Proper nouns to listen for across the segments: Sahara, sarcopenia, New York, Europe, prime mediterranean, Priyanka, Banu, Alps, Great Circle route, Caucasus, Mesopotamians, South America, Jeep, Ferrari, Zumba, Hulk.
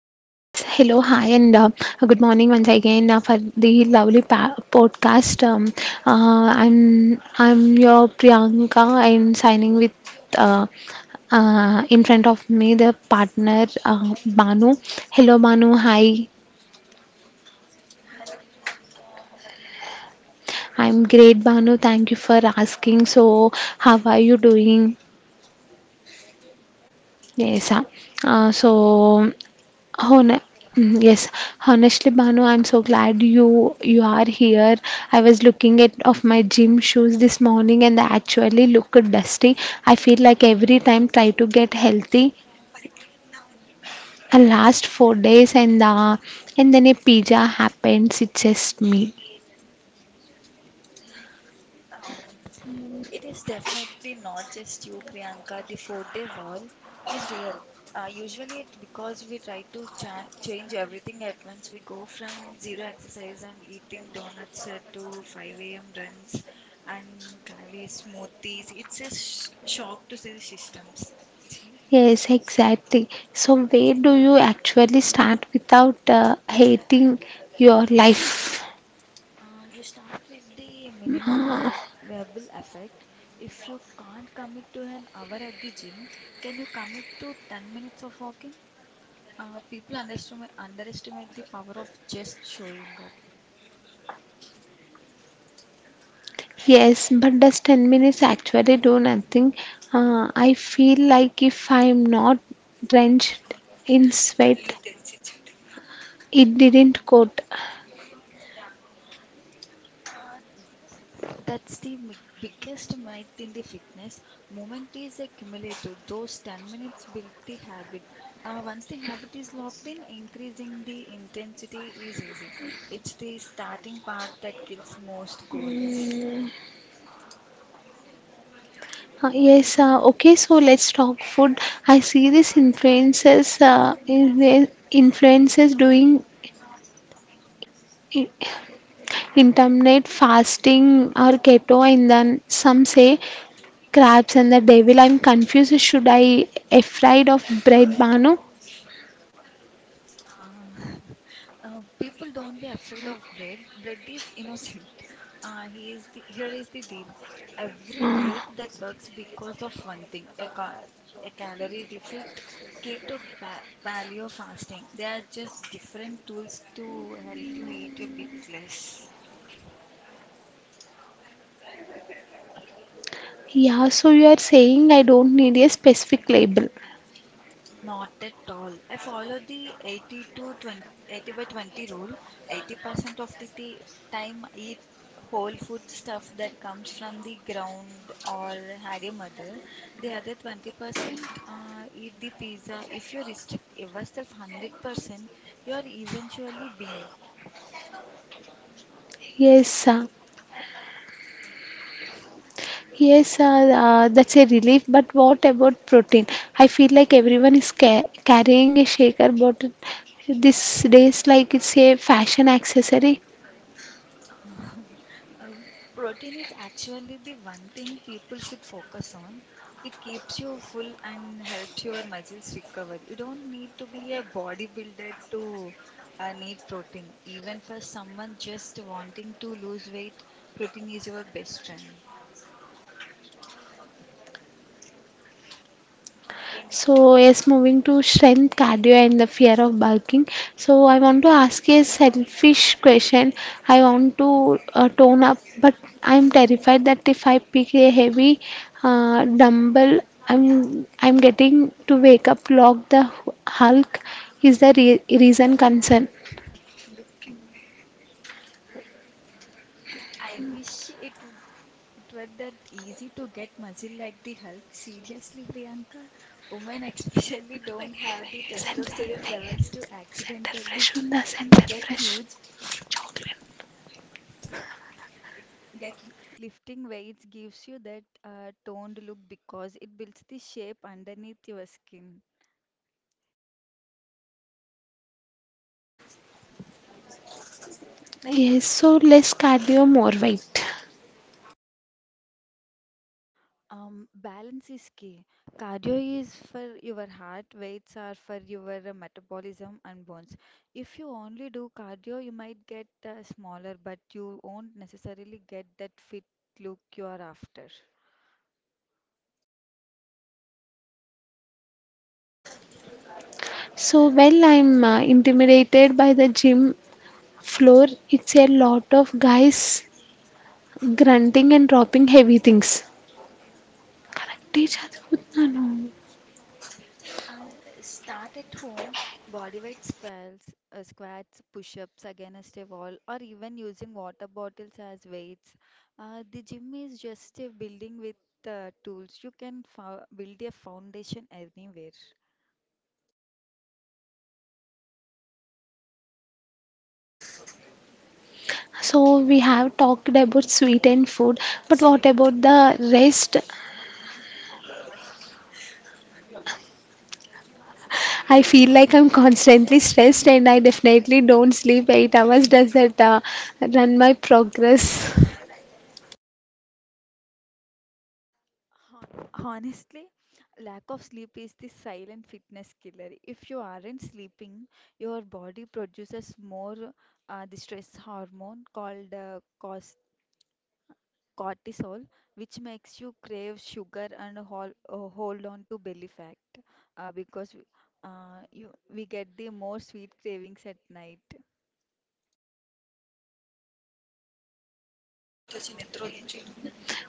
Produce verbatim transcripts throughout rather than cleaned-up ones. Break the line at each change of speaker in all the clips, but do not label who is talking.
and uh, good morning once again uh, for the lovely pa- podcast. Um, uh, I'm I'm your Priyanka. I'm signing with uh, uh, in front of me the partner uh, Banu. Hello, Banu. Hi, I'm great, Banu. Thank you for asking. So, how are you doing? Yes, uh, uh, so Hon- Mm, yes, honestly, Banu, I'm so glad you you are here. I was looking at of my gym shoes this morning, and they actually look dusty. I feel like every time try to get healthy, I last four days, and uh, and then a pizza happens. It's just me.
It is definitely not just you, Priyanka. The four-day wall is real. Uh, usually, it because we try to cha change everything at once. We go from zero exercise and eating donuts uh, to five a m runs and kale smoothies. It's a sh shock to see the systems. See.
Yes, exactly. So where do you actually start without uh, hating your life?
Uh, you start with the minimum vi viable effect. If you can't commit to an hour at the gym, can you commit to ten minutes of walking? Uh, people underestimate, underestimate the power of just showing up.
Yes, but does ten minutes actually do nothing? Uh, I feel like if I'm not drenched in sweat, it didn't coat.
That's the mi- biggest myth in the fitness. Movement is a cumulative. Those ten minutes build the habit. Uh, once the habit is locked in, increasing the intensity is easy. It's the starting part that kills most goals.
Uh, yes, uh, okay, so let's talk food. I see these influencers, uh, in- influencers doing intermittent fasting or keto, and then some say crabs and the devil. I'm confused. Should I afraid of bread, Banu?
Uh, uh, people don't be afraid of bread. Bread is innocent. Uh, he is the, here is the deal. Every diet
Ah.
that works because of one thing, a, ca a calorie deficit, keto, pa paleo fasting. They are just different tools to help you eat a bit less.
Yeah, so you are saying I don't need a specific label?
Not at all. I follow the eighty to twenty, eighty by twenty rule. eighty percent of the ti- time I eat whole food stuff that comes from the ground or had a mother. The other twenty percent uh, eat the pizza. If you restrict yourself one hundred percent, you are eventually being.
Yes, uh, yes, uh, uh, that's a relief. But what about protein? I feel like everyone is ca carrying a shaker bottle these days, like it's a fashion accessory.
Uh, uh, protein is actually the one thing people should focus on. It keeps you full and helps your muscles recover. You don't need to be a bodybuilder to uh, need protein. Even for someone just wanting to lose weight, protein is your best friend.
So, yes, moving to strength, cardio, and the fear of bulking. So, I want to ask a selfish question. I want to uh, tone up, but I'm terrified that if I pick a heavy uh, dumbbell, I'm I'm getting to wake up, lock the Hulk. Is the re- reason concern?
I wish it would, it were that easy to get muscle like the Hulk. Seriously, Priyanka, women especially don't have the
Center
testosterone levels to accidentally
fresh on the center
get
fresh
huge.
chocolate.
Get y- Lifting weights gives you that uh, toned look because it builds the shape underneath your skin.
Yes, so less cardio, more weight.
Um, balance is key. Cardio is for your heart, weights are for your uh, metabolism and bones. If you only do cardio, you might get uh, smaller, but you won't necessarily get that fit look you are after.
So, well, I'm uh, intimidated by the gym floor. It's a lot of guys grunting and dropping heavy things. కరెక్టే చదువుతున్నాను.
Uh, start at home, body weight squats, uh, squats, push-ups against a wall, or even using water bottles as weights. Uh, the gym is just a building with uh, tools. You can fo build a foundation anywhere.
So we have talked about sweetened food, but what about the rest? I feel like I'm constantly stressed, and I definitely don't sleep eight hours. Does that uh, run my progress?
Hon- Honestly, lack of sleep is the silent fitness killer. If you aren't sleeping, your body produces more uh, the stress hormone called uh, cortisol, which makes you crave sugar and hol uh, hold on to belly fat uh, because we- uh, you, we get the more sweet cravings at night.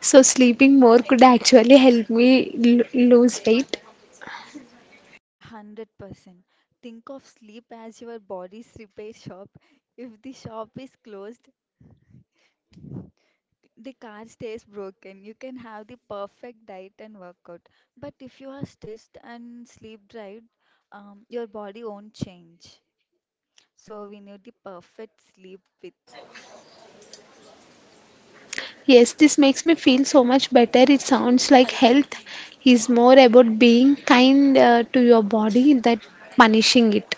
So sleeping more could actually help me l- lose weight.
one hundred percent. Think of sleep as your body's repair shop. If the shop is closed, the car stays broken. You can have the perfect diet and workout. But if you are stressed and sleep deprived, um, your body won't change. So we need the perfect sleep with.
Yes, this makes me feel so much better. It sounds like health is more about being kind uh, to your body than punishing it.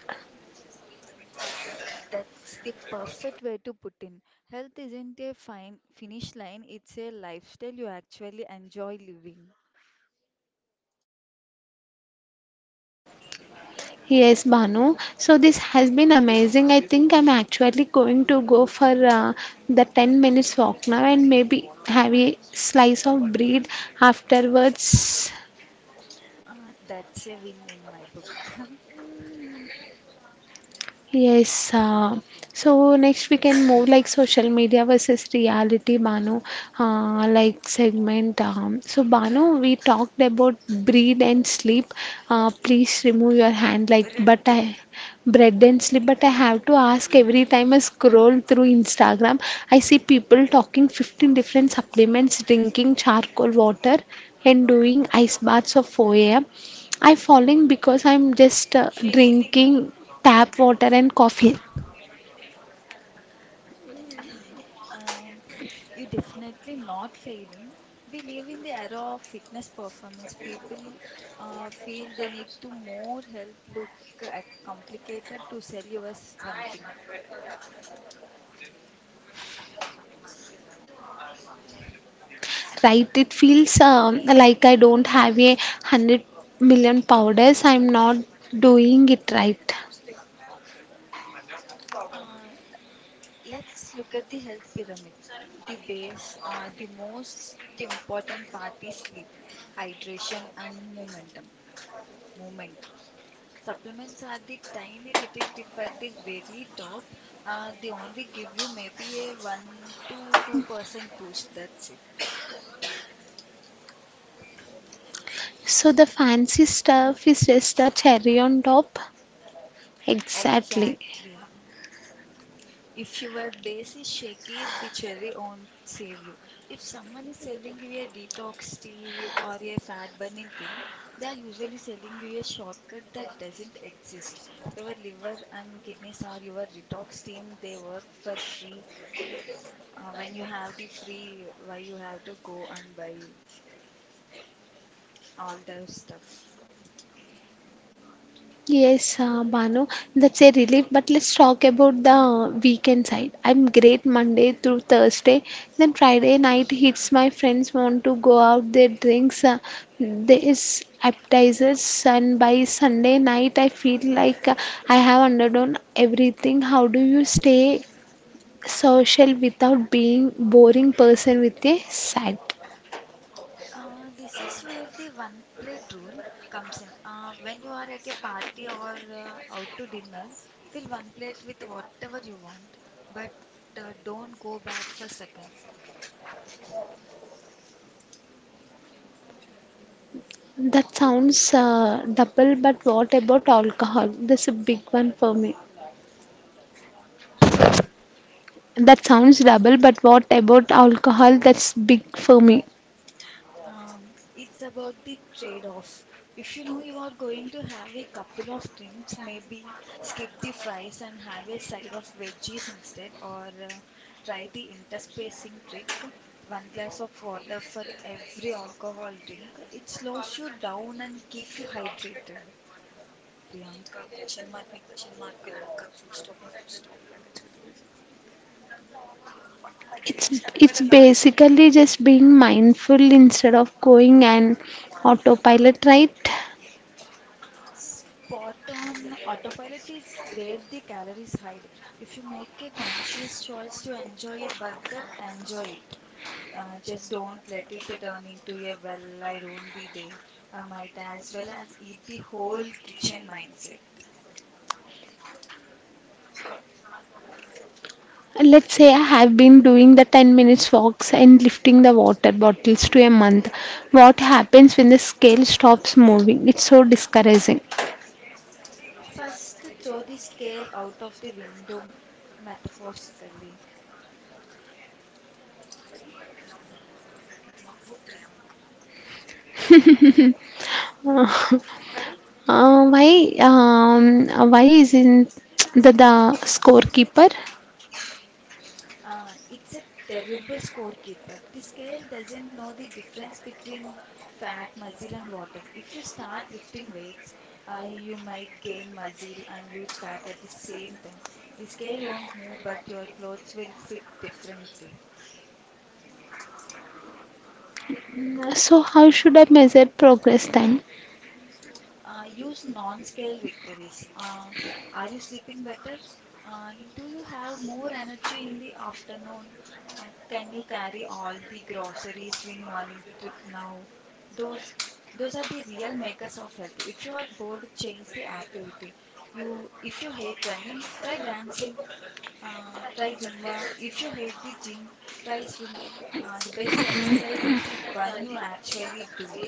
Uh, that's the perfect way to put in. Health isn't a fine finish line, it's a lifestyle you actually enjoy living.
Yes, Banu. So this has been amazing. I think I'm actually going to go for uh, the ten minutes walk now and maybe have a slice of bread afterwards.
Uh, that's a win in my book.
Yes. Uh, so next we can move like social media versus reality, Banu, uh, like segment. Um, so Banu, we talked about breathe and sleep. Uh, please remove your hand, like but I bread and sleep. But I have to ask every time I scroll through Instagram, I see people talking fifteen different supplements, drinking charcoal water, and doing ice baths of four a m. I'm falling because I'm just uh, drinking tap water and coffee.
Um, you're definitely not failing. We live in the era of fitness performance. People uh, feel they need to more health look uh, complicated to sell you as something.
Right? It feels um, like I don't have a hundred million powders. I'm not doing it right.
Uh, Let's look at the health pyramid. The base, uh, the most important part is sleep, hydration, and momentum. Movement. Supplements are the tiny little tip at the very top. Uh, they only give you maybe a one to two percent boost. That's it.
So the fancy stuff is just a cherry on top. Exactly.
Exactly. If your base is shaky, the cherry won't save you. If someone is selling you a detox tea or a fat burning pill, they are usually selling you a shortcut that doesn't exist. Your liver and kidneys are your detox team. They work for free. Uh, when you have the free, why you have to go and buy all the stuff?
Yes, uh, Banu, that's a relief. But let's talk about the weekend side. I'm great Monday through Thursday. Then Friday night hits. My friends want to go out. They drinks. Uh, there is appetizers, and by Sunday night, I feel like uh, I have underdone everything. How do you stay social without being boring person with a sad?
Uh, this is where the one plate rule comes in. Uh, when you are at your party or uh, out to dinner, fill one plate with whatever you want, but uh, don't go back for seconds.
That sounds uh, double. But what about alcohol? That's a big one for me. That sounds double, but what about alcohol? That's big for me.
Um, it's about the trade-off. If you know you are going to have a couple of drinks, maybe skip the fries and have a side of veggies instead, or uh, try the interspacing trick, one glass of water for every alcohol drink. It slows you down and keep you hydrated. Priyanka,
It's it's basically just being mindful instead of going and autopilot, right?
spot on autopilot is where the calories hide. If you make a conscious choice to enjoy a burger, enjoy it. Uh, just don't let it turn into a well, I ruined the day. I might as well as eat the whole kitchen mindset.
Let's say I have been doing the ten minutes walks and lifting the water bottles to a month. What happens when the scale stops moving? It's so discouraging.
First, throw the scale out of the window metaphorically.
Uh, why um, why isn't the, the scorekeeper?
Uh, it's a terrible scorekeeper. The scale doesn't know the difference between fat, muscle, and water. If you start lifting weights, uh, you might gain muscle and lose fat at the same time. The scale won't move, but your clothes will fit differently.
So, how should I measure progress then?
Uh, use non-scale victories. Uh, are you sleeping better? Uh, do you have more energy in the afternoon? Uh, can you carry all the groceries in one trip now? Those those are the real makers of health. If you are bored, change the activity. You If you hate running, try dancing. Uh, try Zumba. If you hate the gym, try swimming. Uh, the best exercise is the one you actually do.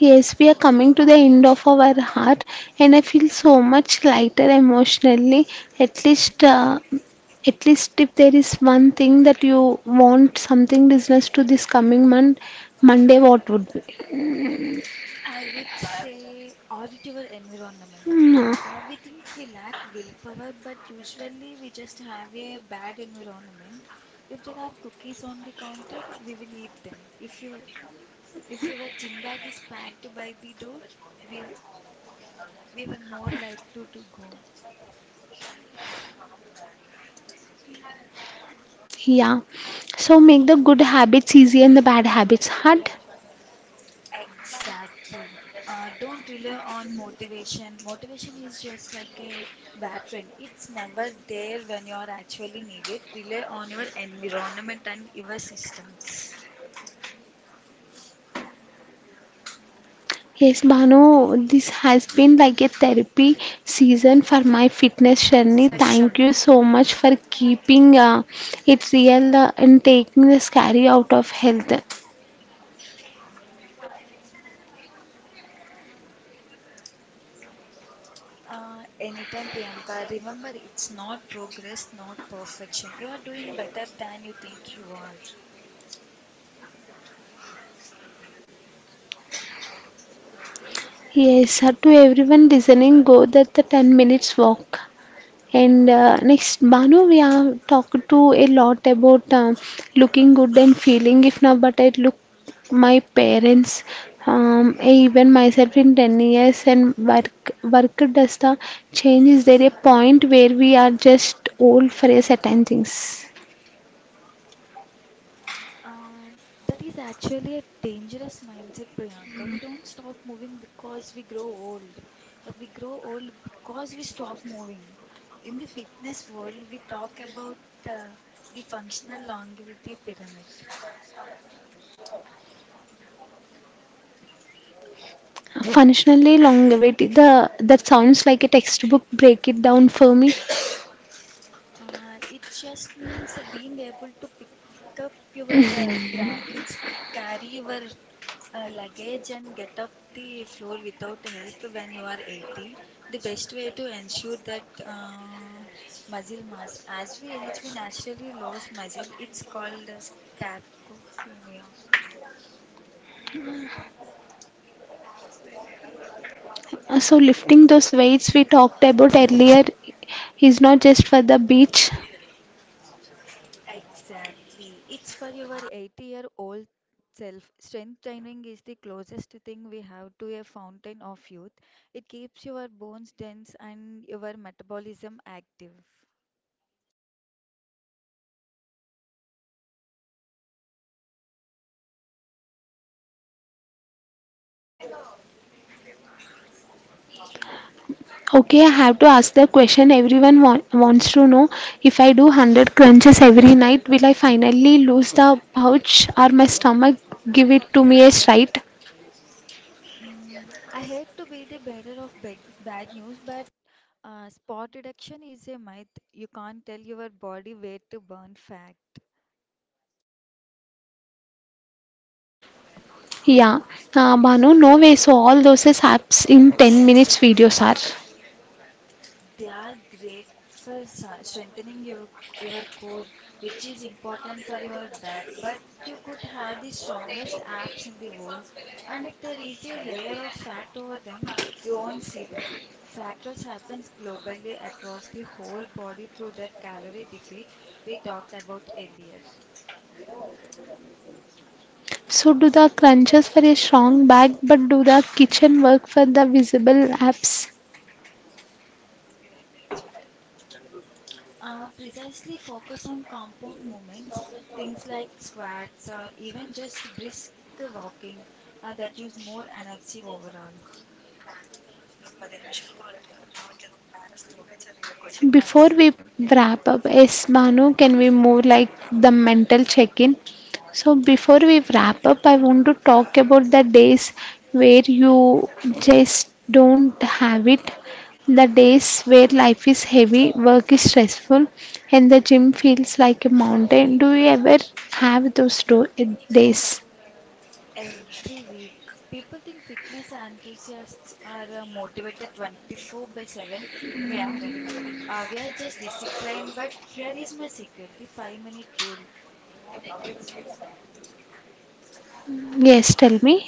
Yes, we are coming to the end of our heart, and I feel so much lighter emotionally. At least, uh, at least if there is one thing that you want something business to this coming month, Monday, what would be?
I would say auditiver environment.
Mm.
Uh, we think we lack willpower, but usually we just have a bad environment. If there are cookies on the counter, we will eat them. If you if your gym bag is packed by the door, we we were more likely to go.
Yeah. So make the good habits easy and the bad habits hard.
Exactly. Uh, don't rely on motivation. Motivation is just like a bad friend. It's never there when you are actually needed. Rely on your environment and your systems.
Yes, Bhanu, this has been like a therapy season for my fitness journey. Thank you so much for keeping uh, it real uh, and taking the scary out of health.
Uh, anytime, Priyanka, remember it's not progress, not perfection. You are doing better than you think you are.
Yes, uh, to everyone listening, go that the ten minutes walk. And uh, next, Banu, we have talked to a lot about uh, looking good and feeling. If now, but I look my parents, um, I even myself in ten years and work, work does the change. Is there a point where we are just old for a certain things?
Uh, that is actually a dangerous mindset, Priyanka. We don't stop moving because we grow old. Uh, we grow old because we stop moving. In the fitness world, we talk about uh, the functional longevity pyramid.
Functionally, long longevity, the, that sounds like a textbook. Break it down for me.
Uh, it just means being able to pick up your uh, grandkids, carry your uh, luggage and get up the floor without help when you are eighty. The best way to ensure that uh, muscle mass. As we age, we naturally lose muscle. It's called uh, sarcopenia.
Uh, So lifting those weights we talked about earlier is not just for the beach.
Exactly. It's for your eighty year old self. Strength training is the closest thing we have to a fountain of youth. It keeps your bones dense and your metabolism active.
Okay, I have to ask the question everyone wa- wants to know. If I do one hundred crunches every night, will I finally lose the pouch or my stomach give it to me as right?
Mm, I hate to be the bearer of bad, bad news, but Uh, spot reduction is a myth. You can't tell your body weight to burn fat.
Yeah, uh, Banu, nowadays all those apps in ten minutes videos are.
They are great for sa- strengthening your your core, which is important for your back. But you could have the strongest abs in the world, and if there is a layer of fat over them, you won't see them. Fat loss happens globally across the whole body through that calorie deficit we talked about earlier.
So do the crunches for a strong back, but do the kitchen work for the visible apps.
Uh, precisely focus on compound movements, things like squats or even just brisk walking uh, that use more energy overall.
Before we wrap up, yes, Manu, can we move like the mental check-in? So before we wrap up, I want to talk about the days where you just don't have it. The days where life is heavy, work is stressful, and the gym feels like a mountain. Do you ever have those do- days?
Every week, people think fitness enthusiasts are uh, motivated twenty-four by seven. We aren't. Uh, we are just disciplined, but here is my secret the five minute rule.
Yes, tell me.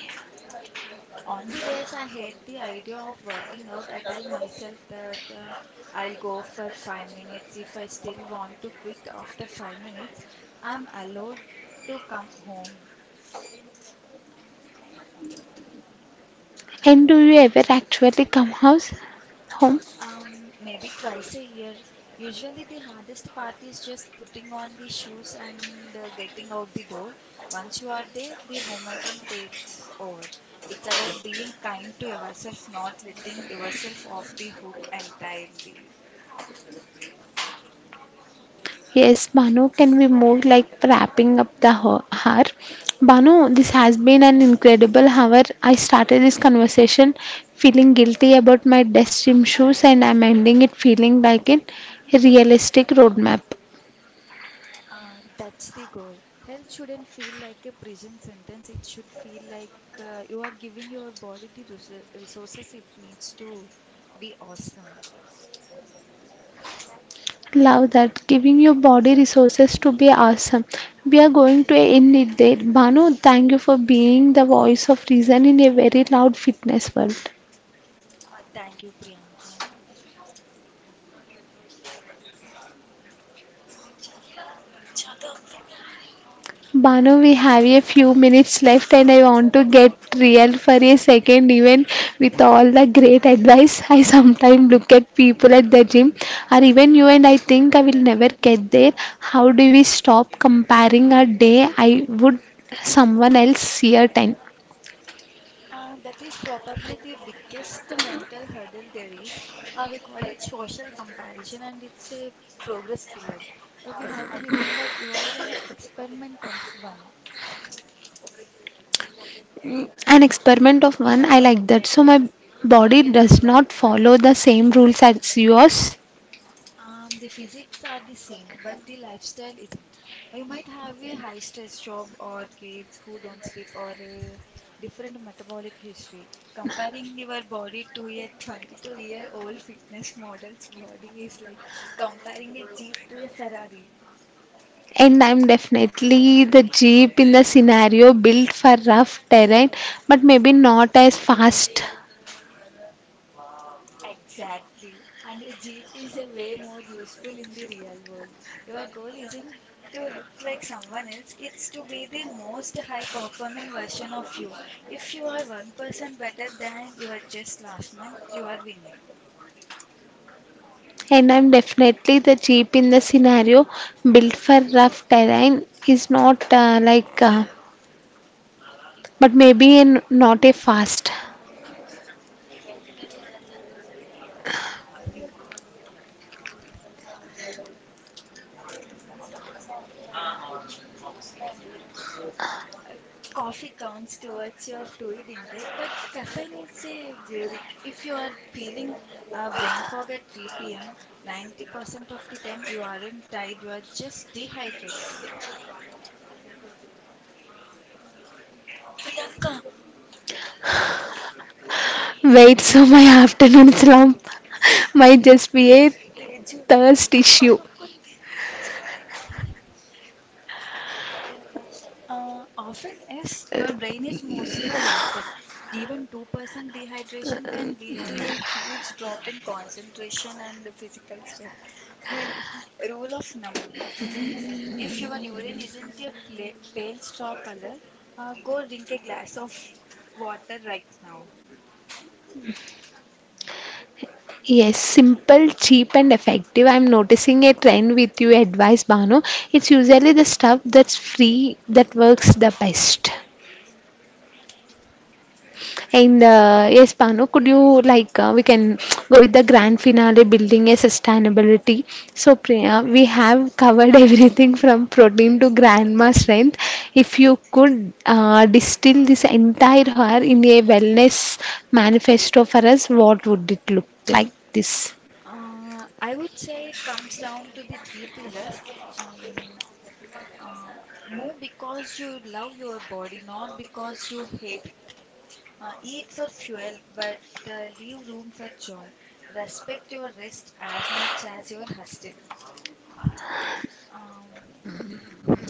On the days I hate the idea of working out, I tell myself that uh, I'll go for five minutes. If I still want to quit after five minutes, I'm allowed to come home.
And do you ever actually come house home?
Um, maybe twice a year. Usually, the hardest part is just putting on the shoes and uh, getting out the door. Once you are there, the momentum takes over. It's about being kind to yourself, not letting yourself off the hook entirely.
Yes, Banu, can we move like wrapping up the ho- hour? Banu, this has been an incredible hour. I started this conversation feeling guilty about my desk gym shoes, and I'm ending it feeling like a realistic roadmap.
Uh, that's the goal. Health shouldn't feel like a prison sentence. It should feel like uh, you are giving your body the resour- resources it needs to be awesome.
Love that. Giving your body resources to be awesome. We are going to end it there. Banu, thank you for being the voice of reason in a very loud fitness world.
Uh, thank you, Priyanka.
Bano, we have a few minutes left and I want to get real for a second. Even with all the great advice, I sometimes look at people at the gym or even you and I think I will never get there. How do we stop comparing a day I would someone else year time?
Uh, that is probably the biggest mental hurdle there is. Uh, we call it social comparison, and it's a progress killer. Uh, we have to remember you are an experiment of one.
An experiment of one, I like that. So my body does not follow the same rules as yours.
Um, the physics are the same, but the lifestyle isn't. You might have a high stress job or kids who don't sleep or a different metabolic history. Comparing your body to a twenty-two year old fitness model's body is like comparing a Jeep to a Ferrari.
And I'm definitely the Jeep in the scenario built for rough terrain, but maybe not as fast.
Exactly. And a Jeep is a way more useful in the real world. Your goal isn't to look like someone else, it's to be the most high performing version of you. If you are one percent better than you were just last month, you are winning.
And I'm definitely the Jeep in the scenario built for rough terrain is not uh, like, uh, but maybe in, not a fast.
Uh, coffee counts towards your fluid intake, but caffeine is a diuretic. If you are feeling uh, brain fog at three p m, ninety percent of the time you aren't tired, you are just dehydrated.
Wait, so my afternoon slump might just be a thirst issue.
Uh, often is your brain is mostly watery. Even two percent dehydration can lead to a huge drop in concentration and physical strength. My rule of numb. Mm, if your urine isn't a pla pale straw color, uh, go drink a glass of water right now.
Yes, simple, cheap, and effective. I'm noticing a trend with your advice, Banu. It's usually the stuff that's free that works the best. And uh, Yes, Pano, could you like uh, we can go with the grand finale building a sustainability. So Priya, we have covered everything from protein to grandma strength. If you could uh, distill this entire hour in a wellness manifesto for us, what would it look like? This.
Uh, I would say it comes down to the three pillars. Um, uh, Move because you love your body, not because you hate it. Uh, eat for fuel, but uh, leave room for joy. Respect your rest as much as your hustle. Um,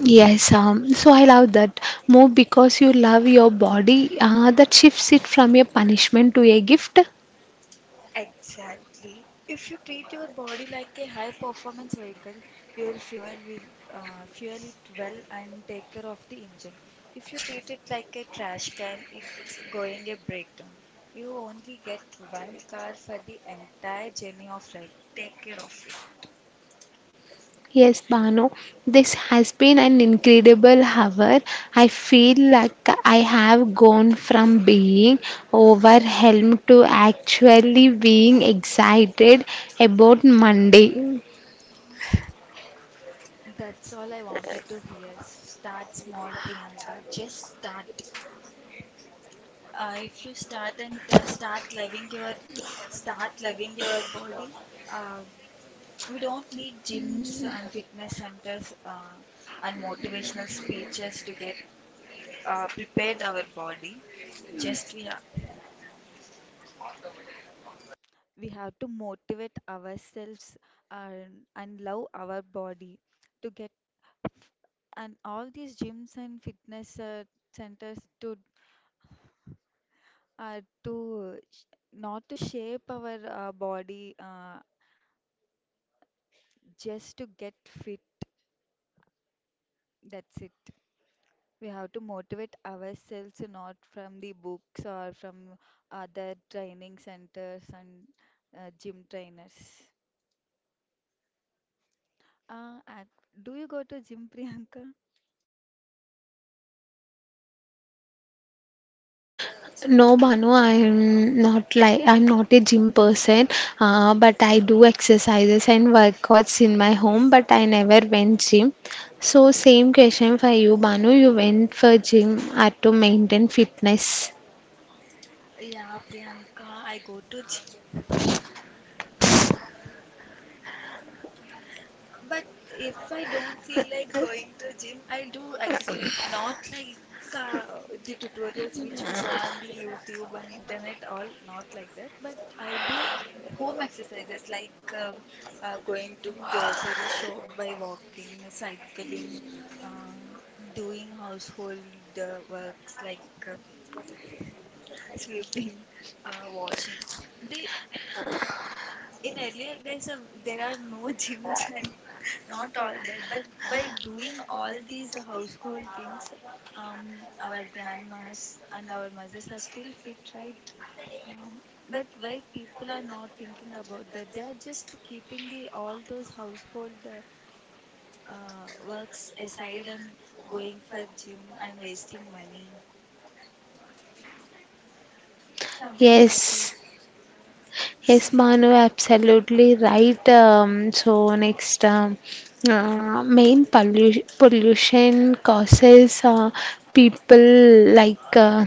Yes, um, so I love that more because you love your body. Uh, that shifts it from a punishment to a gift.
exactly. If you treat your body like a high-performance vehicle, you will fuel will uh, fuel it well and take care of the engine. If you treat it like a trash can, it's going a breakdown. You only get one car for the entire journey of life. Take care of it.
Yes, Bano, this has been an incredible hour. I feel like I have gone from being overwhelmed to actually being excited about Monday.
That's all I wanted to hear. Start small, Priyanka. Just start. Uh, if you start and uh, start loving your, start loving your body. Uh, we don't need gyms and fitness centers uh, and motivational speeches to get uh, prepared our body. Just we ha We have to motivate ourselves and, and love our body to get and all these gyms and fitness uh, centers to uh, to sh- not to shape our uh, body uh, just to get fit, that's it. We have to motivate ourselves not from the books or from other training centers and uh, gym trainers uh, ac- do you go to gym, Priyanka?
No, Banu, I'm not like I'm not a gym person, uh, but I do exercises and workouts in my home, but I never went gym. So same question for you, Banu. You went for gym uh, to maintain fitness.
Yeah, Priyanka, I go to gym. But if I don't feel like going to gym, I'll do exercise. Not like uh, the tutorials which we saw on the YouTube and internet, all not like that. But I'll do home exercises like uh, uh, going to grocery shop by walking, cycling, uh, doing household uh, works like uh, sweeping, uh, washing. They in earlier days, uh, there are no gyms and not all that, but by doing all these household things, um, our grandmas and our mothers are still fit, right? Um, but why people are not thinking about that? They are just keeping the all those household uh, uh, works aside and going for gym and wasting money. Sometimes I feel
Yes.
it's
Yes, Manu, absolutely right. Um, so next, um, uh, main pollution pollution causes uh, people like uh,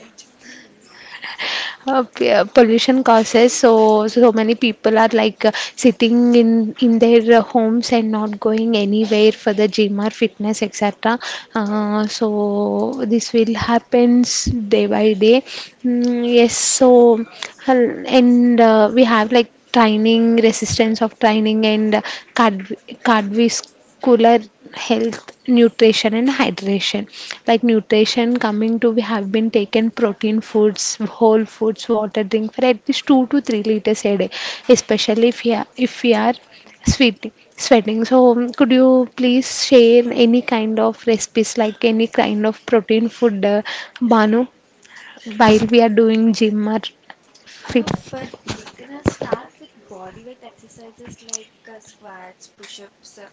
ये जितना भी है।
uh, p- uh, pollution causes so so many people are like uh, sitting in in their uh, homes and not going anywhere for the gym or fitness, etc. uh, so this will happens day by day. Mm, yes, so hal- and uh, we have like training resistance of training and uh, card cardvis cooler health, nutrition and hydration. Like nutrition coming to, we have been taken protein foods, whole foods, water drink for at least two to three liters a day, especially if we are, if we are sweating sweating. So um, could you please share any kind of recipes like any kind of protein food, uh, Banu, while we are doing gym or
Uh,
fit.
for beginners, start with body weight exercises like uh, squats, push-ups, uh,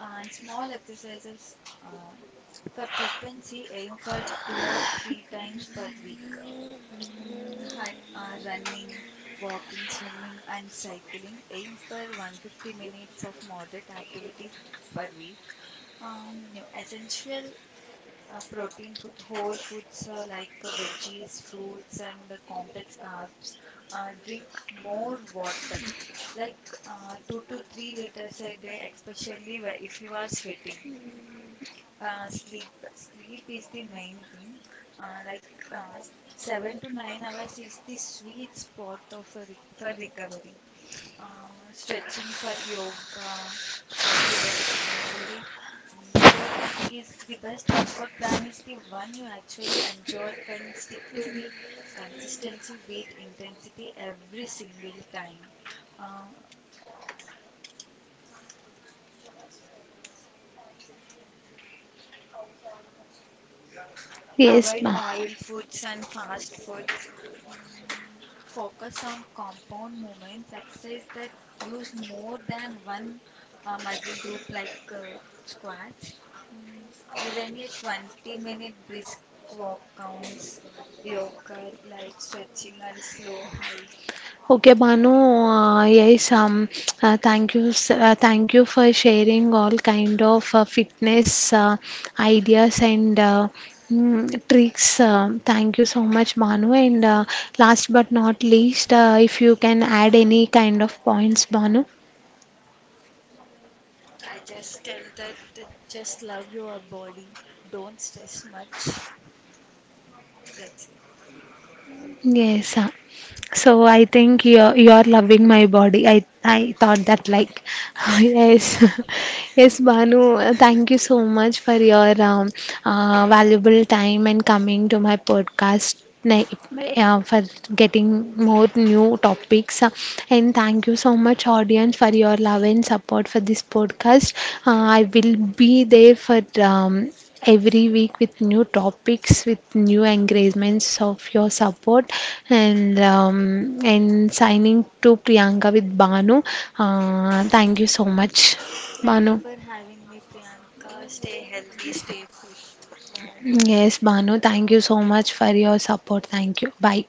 and small exercises. uh, for frequency aim for two or three times per week. mm, hi, uh, Running, walking, swimming and cycling, aim for one hundred fifty minutes of moderate activity per week. Um, you know, essential uh, protein foods, whole foods uh, like uh, veggies, fruits, and uh, complex carbs. Uh, drink more water, like uh, two to three liters a day, especially wh- if you are sweating. Uh, sleep, sleep is the main thing. Uh, like uh, s- Seven to nine hours is the sweet spot of a rec for recovery. Uh, stretching for yoga to prevent injury. Mm, Pro tip is the best workout plan is the one you actually enjoy and stick to the consistency, beat intensity every single time. Uh,
Yes,
Avoid
ma'am.
oil foods and fast foods. Mm, Focus on compound movements, exercise that use more than one uh, muscle group like uh, squats. Mm, Even a twenty minute brisk walk counts. Yoga, light stretching, and slow hike.
Okay, Banu, uh, yes, um, uh, thank you, s- uh, thank you for sharing all kind of uh, fitness uh, ideas and uh, mm, tricks. Uh, thank you so much, Banu. And uh, last but not least, uh, if you can add any kind of points, Banu.
I just tell that, that just love your body, don't stress much. That's it.
Yes. uh, So I think you're you're loving my body. I I thought that like yes, yes, Banu. uh, Thank you so much for your um, uh, valuable time and coming to my podcast. na- Uh, for getting more new topics. Uh, and thank you so much audience for your love and support for this podcast. uh, I will be there for um, every week with new topics with new engagements of your support. And um, and signing to Priyanka with Banu. Uh, thank you so much,
Thank
Banu.
you for having me, Priyanka. Stay healthy, stay fit. Bye.
Yes, Banu, thank you so much for your support. Thank you. Bye.